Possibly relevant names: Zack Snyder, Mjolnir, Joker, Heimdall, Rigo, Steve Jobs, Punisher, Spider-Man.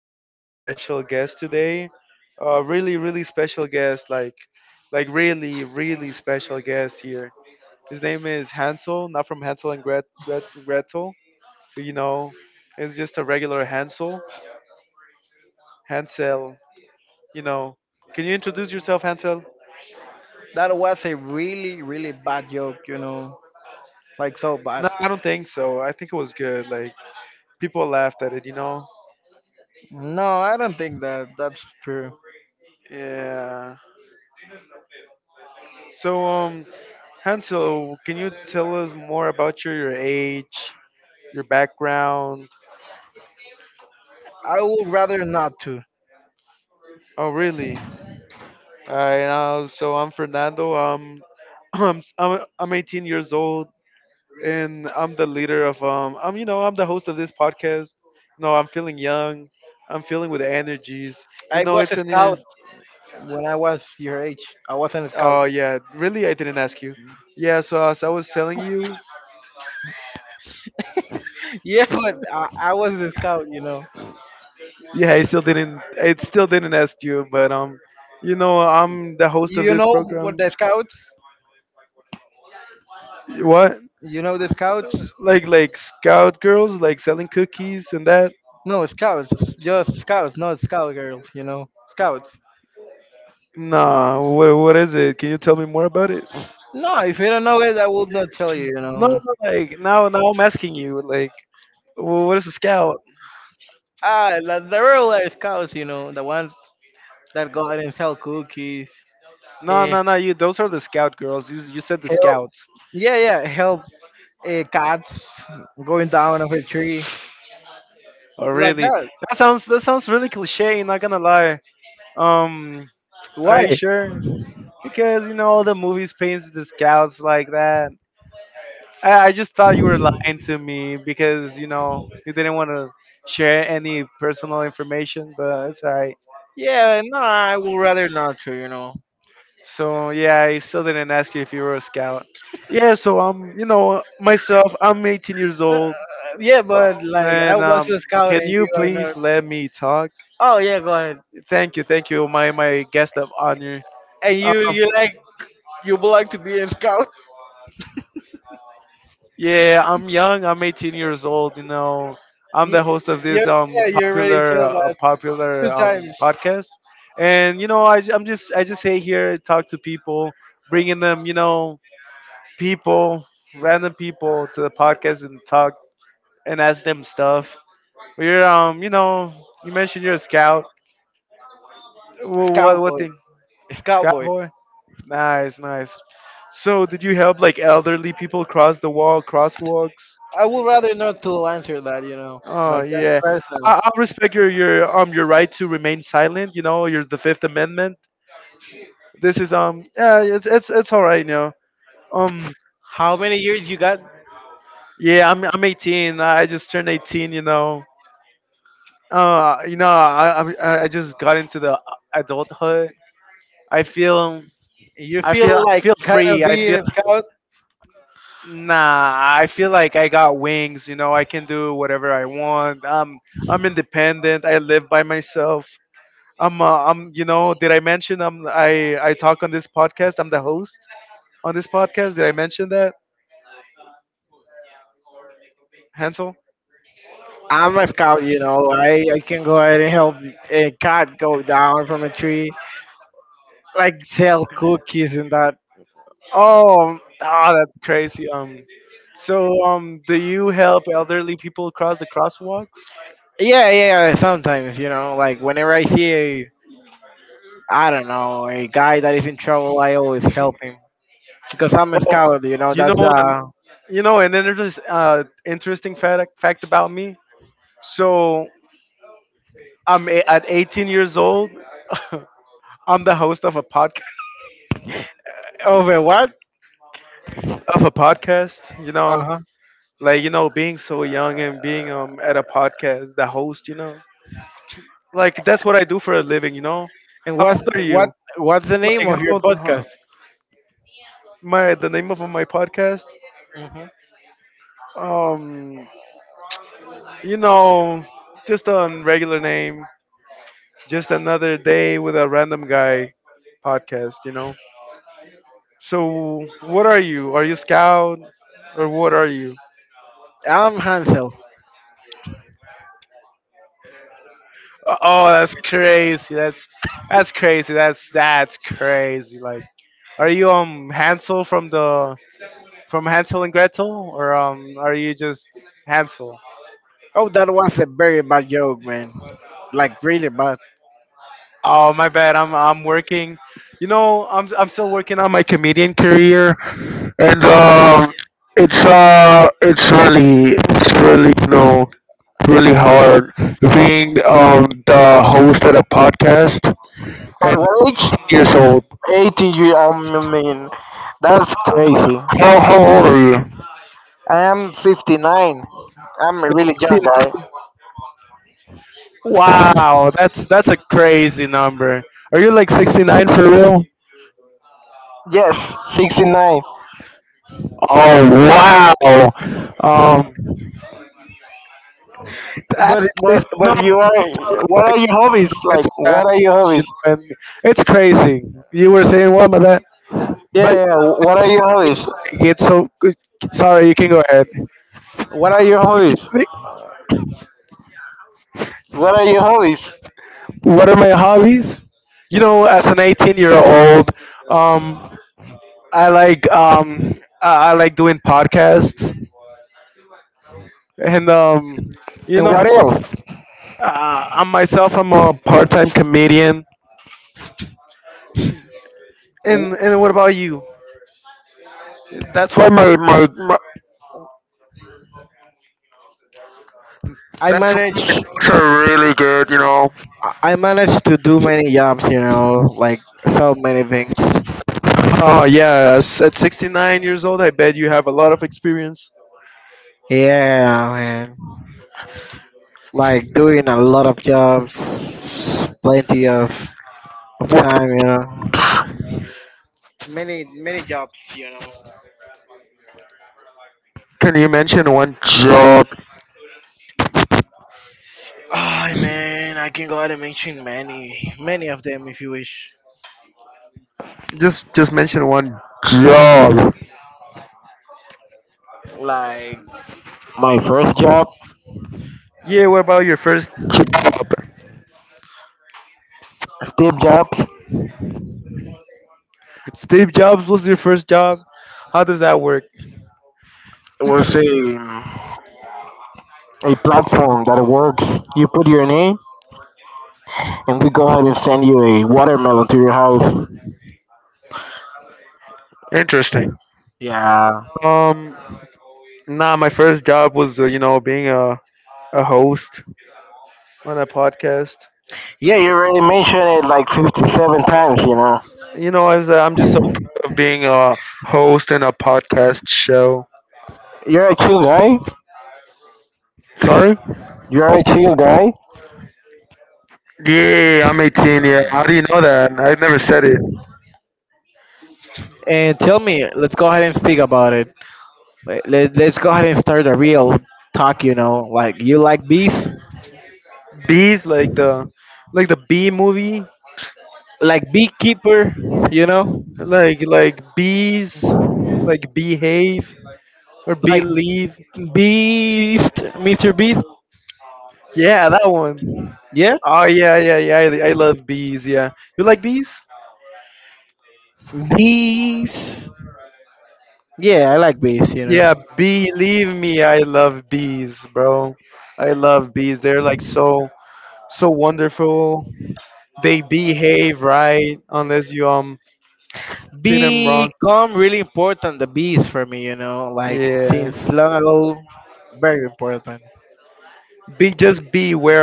And it's it's really, really hard being the host at a podcast and years old. How old are you? Wow, 69 for real? Oh wow, um, that's crazy. No, What are your hobbies? Like, what are your hobbies? Yeah, yeah. What are your hobbies? What are your hobbies? What are your hobbies? that's why my, my, my that's why my jokes are really good. What a job, job. My first job, Steve Jobs, a platform that works. You put your name, and we go ahead and send you a watermelon to your house. Yeah. Yeah, you already mentioned it like 57 times, you know. You're a chill guy. You're a chill guy.